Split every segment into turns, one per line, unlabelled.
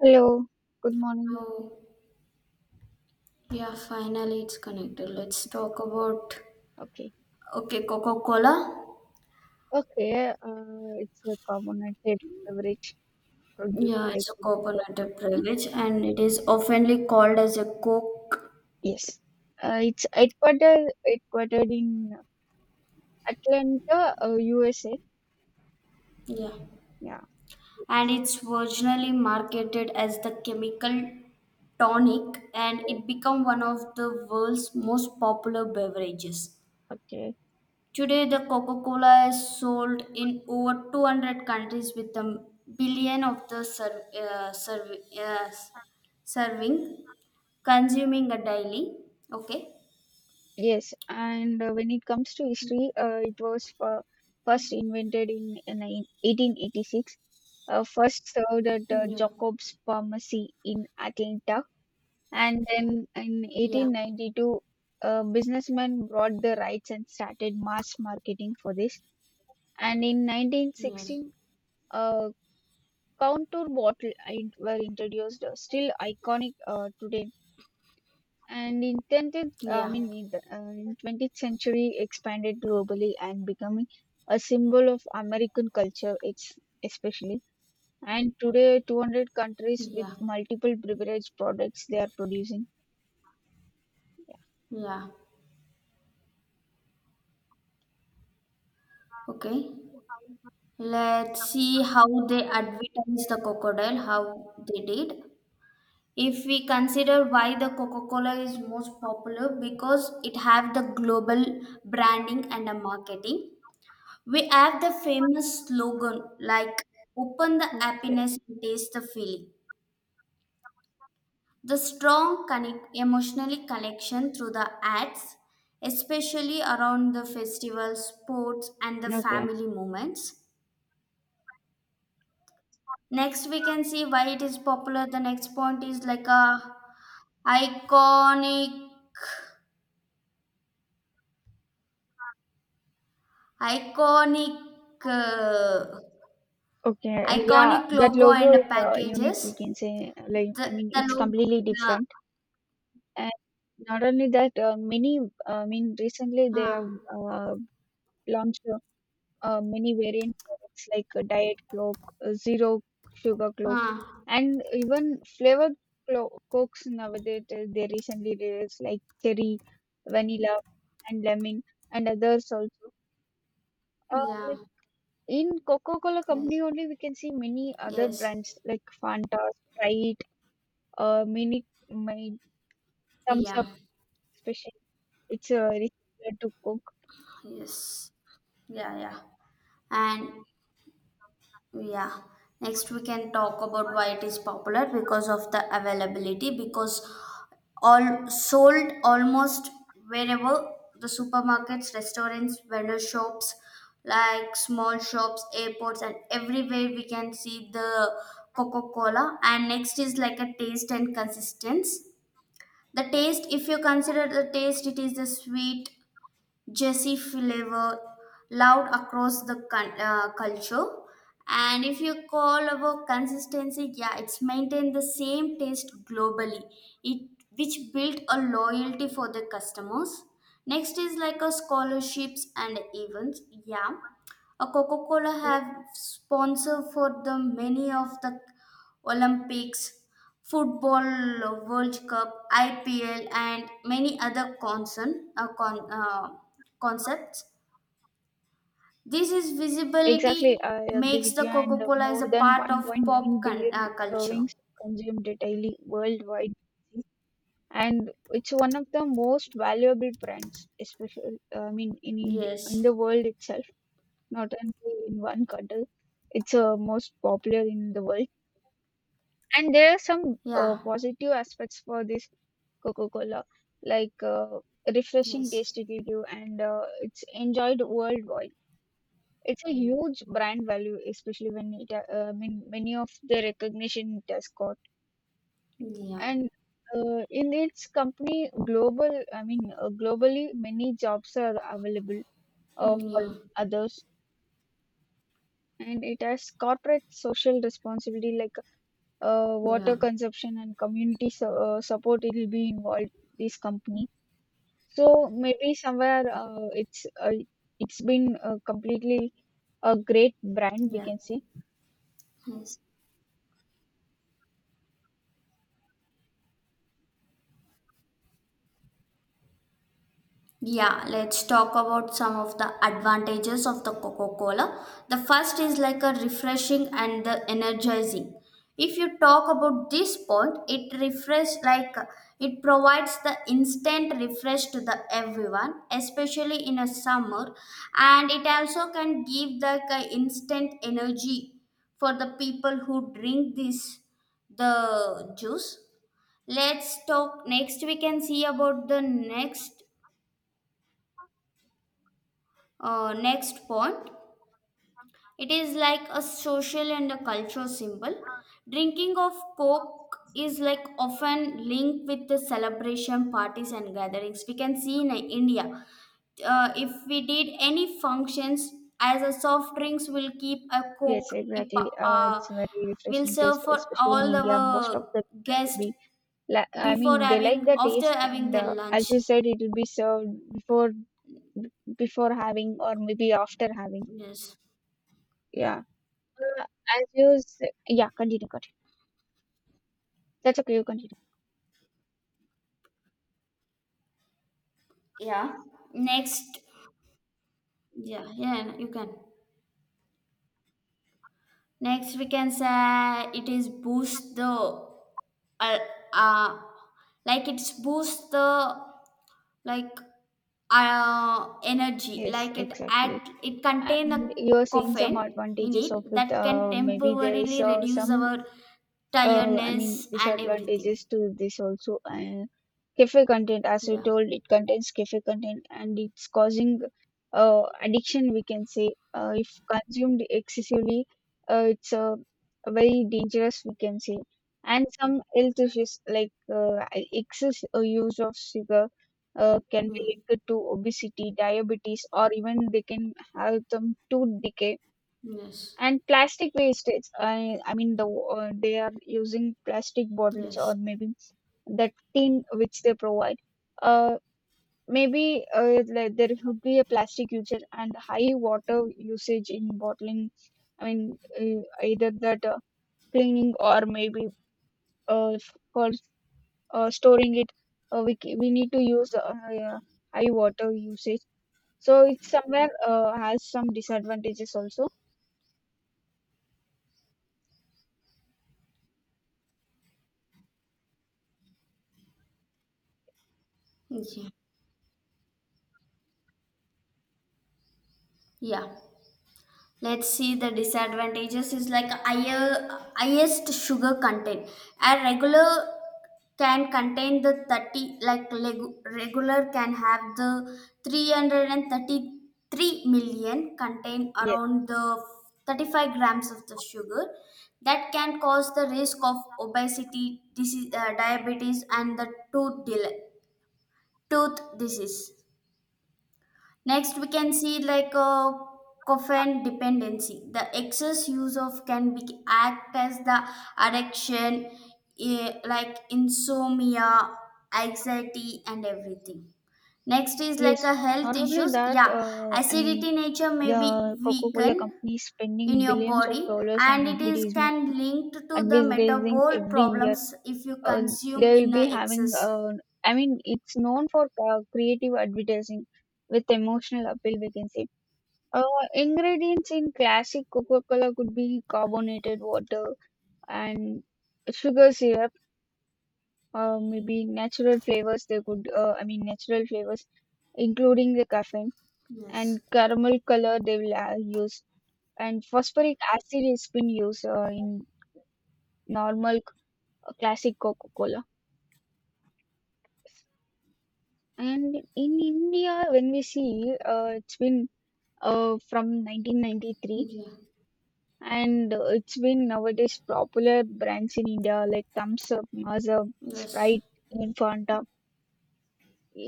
Hello, good morning.
Oh, yeah, finally it's connected. Let's talk about
Okay,
okay, Coca-Cola.
okay. It's a carbonated beverage produced
Yeah,
by
it's a
Coca-Cola
carbonated
Company.
beverage and it is oftenly called as a Coke.
Yes, it's headquartered in Atlanta, USA.
Yeah.
Yeah.
And it's originally marketed as the chemical tonic and
Oh,
it became one of the world's most popular beverages.
okay.
Today, the Coca-Cola is sold in over 200 countries with a billion of the serving consuming a daily. Okay,
Yes, and when it comes to history, it was first invented in 1886. First served at
yeah,
Jacob's Pharmacy in Atlanta. And then in
yeah,
1892, a businessman bought the rights and started mass marketing for this. And in
yes,
1916, uh, contour bottle were introduced, still iconic today. And in 20th, I
yeah,
mean, in the uh, in 20th century, expanded globally and becoming a symbol of American culture. It's especially and today 200 countries with
yeah,
multiple beverage products they are producing.
yeah, okay, let's see how they advertise the crocodile, how they did. If we consider why the coca-cola is most popular, because it have the global branding and a marketing. We have the famous slogan like open the
Okay,
happiness and taste the feeling. The strong connect emotionally connection through the ads, especially around the festival, sports, and the
okay,
family moments. Next, we can see why it is popular. The next point is like a iconic, iconic, uh,
okay. Yeah,
iconic
that
logo and
logo
the
is unique,
packages.
we can say. Like,
The
I mean,
the
it's
logo,
completely
yeah,
different. And not only that, many, I mean, recently they
huh,
have uh, launched many variant products like Diet Coke, Zero Sugar Cokes,
huh,
and even flavored Cokes nowadays they recently released like cherry, vanilla, and lemon, and others also. Uh,
yeah,
like, in Coca-Cola company
yes,
only we can see many other
yes,
brands like Fanta, Sprite, Mini, my Thumbs Up
yeah,
special. It's very similar to Coke.
yes, yeah, yeah. And yeah, next we can talk about why it is popular because of the availability, because all sold almost wherever the supermarkets, restaurants, vendor shops, like small shops, airports, and everywhere we can see the Coca Cola. And next is like a taste and consistency. The taste, if you consider the taste, it is the sweet Jesse flavor loud across the culture. And if you call about consistency, yeah, it's maintained the same taste globally, it which built a loyalty for the customers. Next is like a scholarships and events. Yeah, a Coca Cola have sponsor for the many of the Olympics football, World Cup, IPL, and many other concepts. This is
Exactly,
visibility
I agree
makes
with
the
you. And
Coca Cola as a
more than
part of
1.9
pop con-
billion
uh, culture.
servings consumed daily worldwide, and it's one of the most valuable brands, especially I mean in in
Yes.
the world itself, not only in one country. It's most popular in the world. And there are some
Yeah.
positive aspects for this coca-cola like refreshing
Yes.
taste it will give, and it's enjoyed worldwide. It's a huge brand value, especially when it, many of the recognition it has got.
Yeah.
And in its company globally many jobs are available
Hmm,
for
yeah.
others. And it has corporate social responsibility like water
Yeah.
consumption and community support it will be involved, this company. So maybe somewhere it's been completely a great brand we
Yeah.
can see.
Yes. Yeah, let's talk about some of the advantages of the Coca-Cola. The first is like a refreshing and the energizing. If you talk about this point, it refresh like it provides the instant refresh to the everyone, especially in a summer, and it also can give the instant energy for the people who drink this the juice. Let's talk next. We can see about the next point, it is like a social and a cultural symbol. Drinking of Coke is like often linked with the celebration parties and gatherings. We can see in India, if we did any functions, as a soft drinks will keep a
Yes,
Coke. If,
exactly, it's a very
Will
refreshing taste,
serve for
especially in
all
india most of
our
the people will
guests
be I mean
before
they like
having
the
after
taste, and
having their
as
lunch.
you said, it will be served before, before having or maybe after having.
Yes.
Yeah. As you say, yeah, continue, continue. That's okay, you continue.
Yeah. Next. Yeah. Yeah. You can. Next, we can say it is boost the uh, uh like it's boost the like energy,
Yes,
like it
exactly.
act it contain a
And you're saying some
caffeine in
advantages
it
of it.
that can
Maybe there is
temporarily reduce
some
our
I
tiredness
mean
and everything.
disadvantages to this also. Caffeine content, as you
Yeah.
told, it contains caffeine content and it's causing addiction, we can say. If consumed excessively, it's very dangerous, we can say. And some health issues like excess use of sugar can be
Mm.
linked to obesity, diabetes, or even they can have them to decay,
Yes,
and plastic wastage. I mean, the they are using plastic bottles or
yes,
maybe that tin which they provide. Uh, Maybe like there should be a plastic usage and high water usage in bottling. I mean, either that cleaning or maybe for storing it, we need to use, yeah, high water usage. So it's somewhere has some disadvantages also.
yeah, yeah, let's see the disadvantages is like higher highest sugar content. A regular can contain the 30, regular can have the 333 million, contain around the 35 grams of the sugar, that can cause the risk of obesity disease, diabetes, and the tooth disease. Next, we can see like a coffin dependency. The excess use of can be act as the addiction, eh, like insomnia, anxiety, and everything. Next is like
Yes,
a health
not only
issues.
that,
Yeah,
I
acidity
mean,
nature may
the
be
Coca-Cola
weakened
company is
in
spending
your
billions of
body,
dollars on
and it is
advertising,
can linked to the
advertising
metabolic
every year.
problems if you
Uh,
consume
they will
in a
be having,
excess.
I mean, it's known for creative advertising with emotional appeal, we can say. Uh, Ingredients in classic Coca-Cola could be carbonated water and sugar syrup, maybe natural flavors. They could, I mean, natural flavors, including the caffeine and
Yes.
caramel color they will use, and phosphoric acid has been used in normal c- classic coca-cola. And in india when we see, it's been from 1993,
Yeah.
and it's been nowadays popular brands in india like thumbs up, Mars,
Yes.
sprite, and fanta.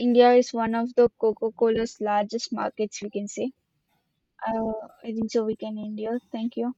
India is one of the coca-cola's largest markets, we can say. uh, I think so we can end here. Thank you.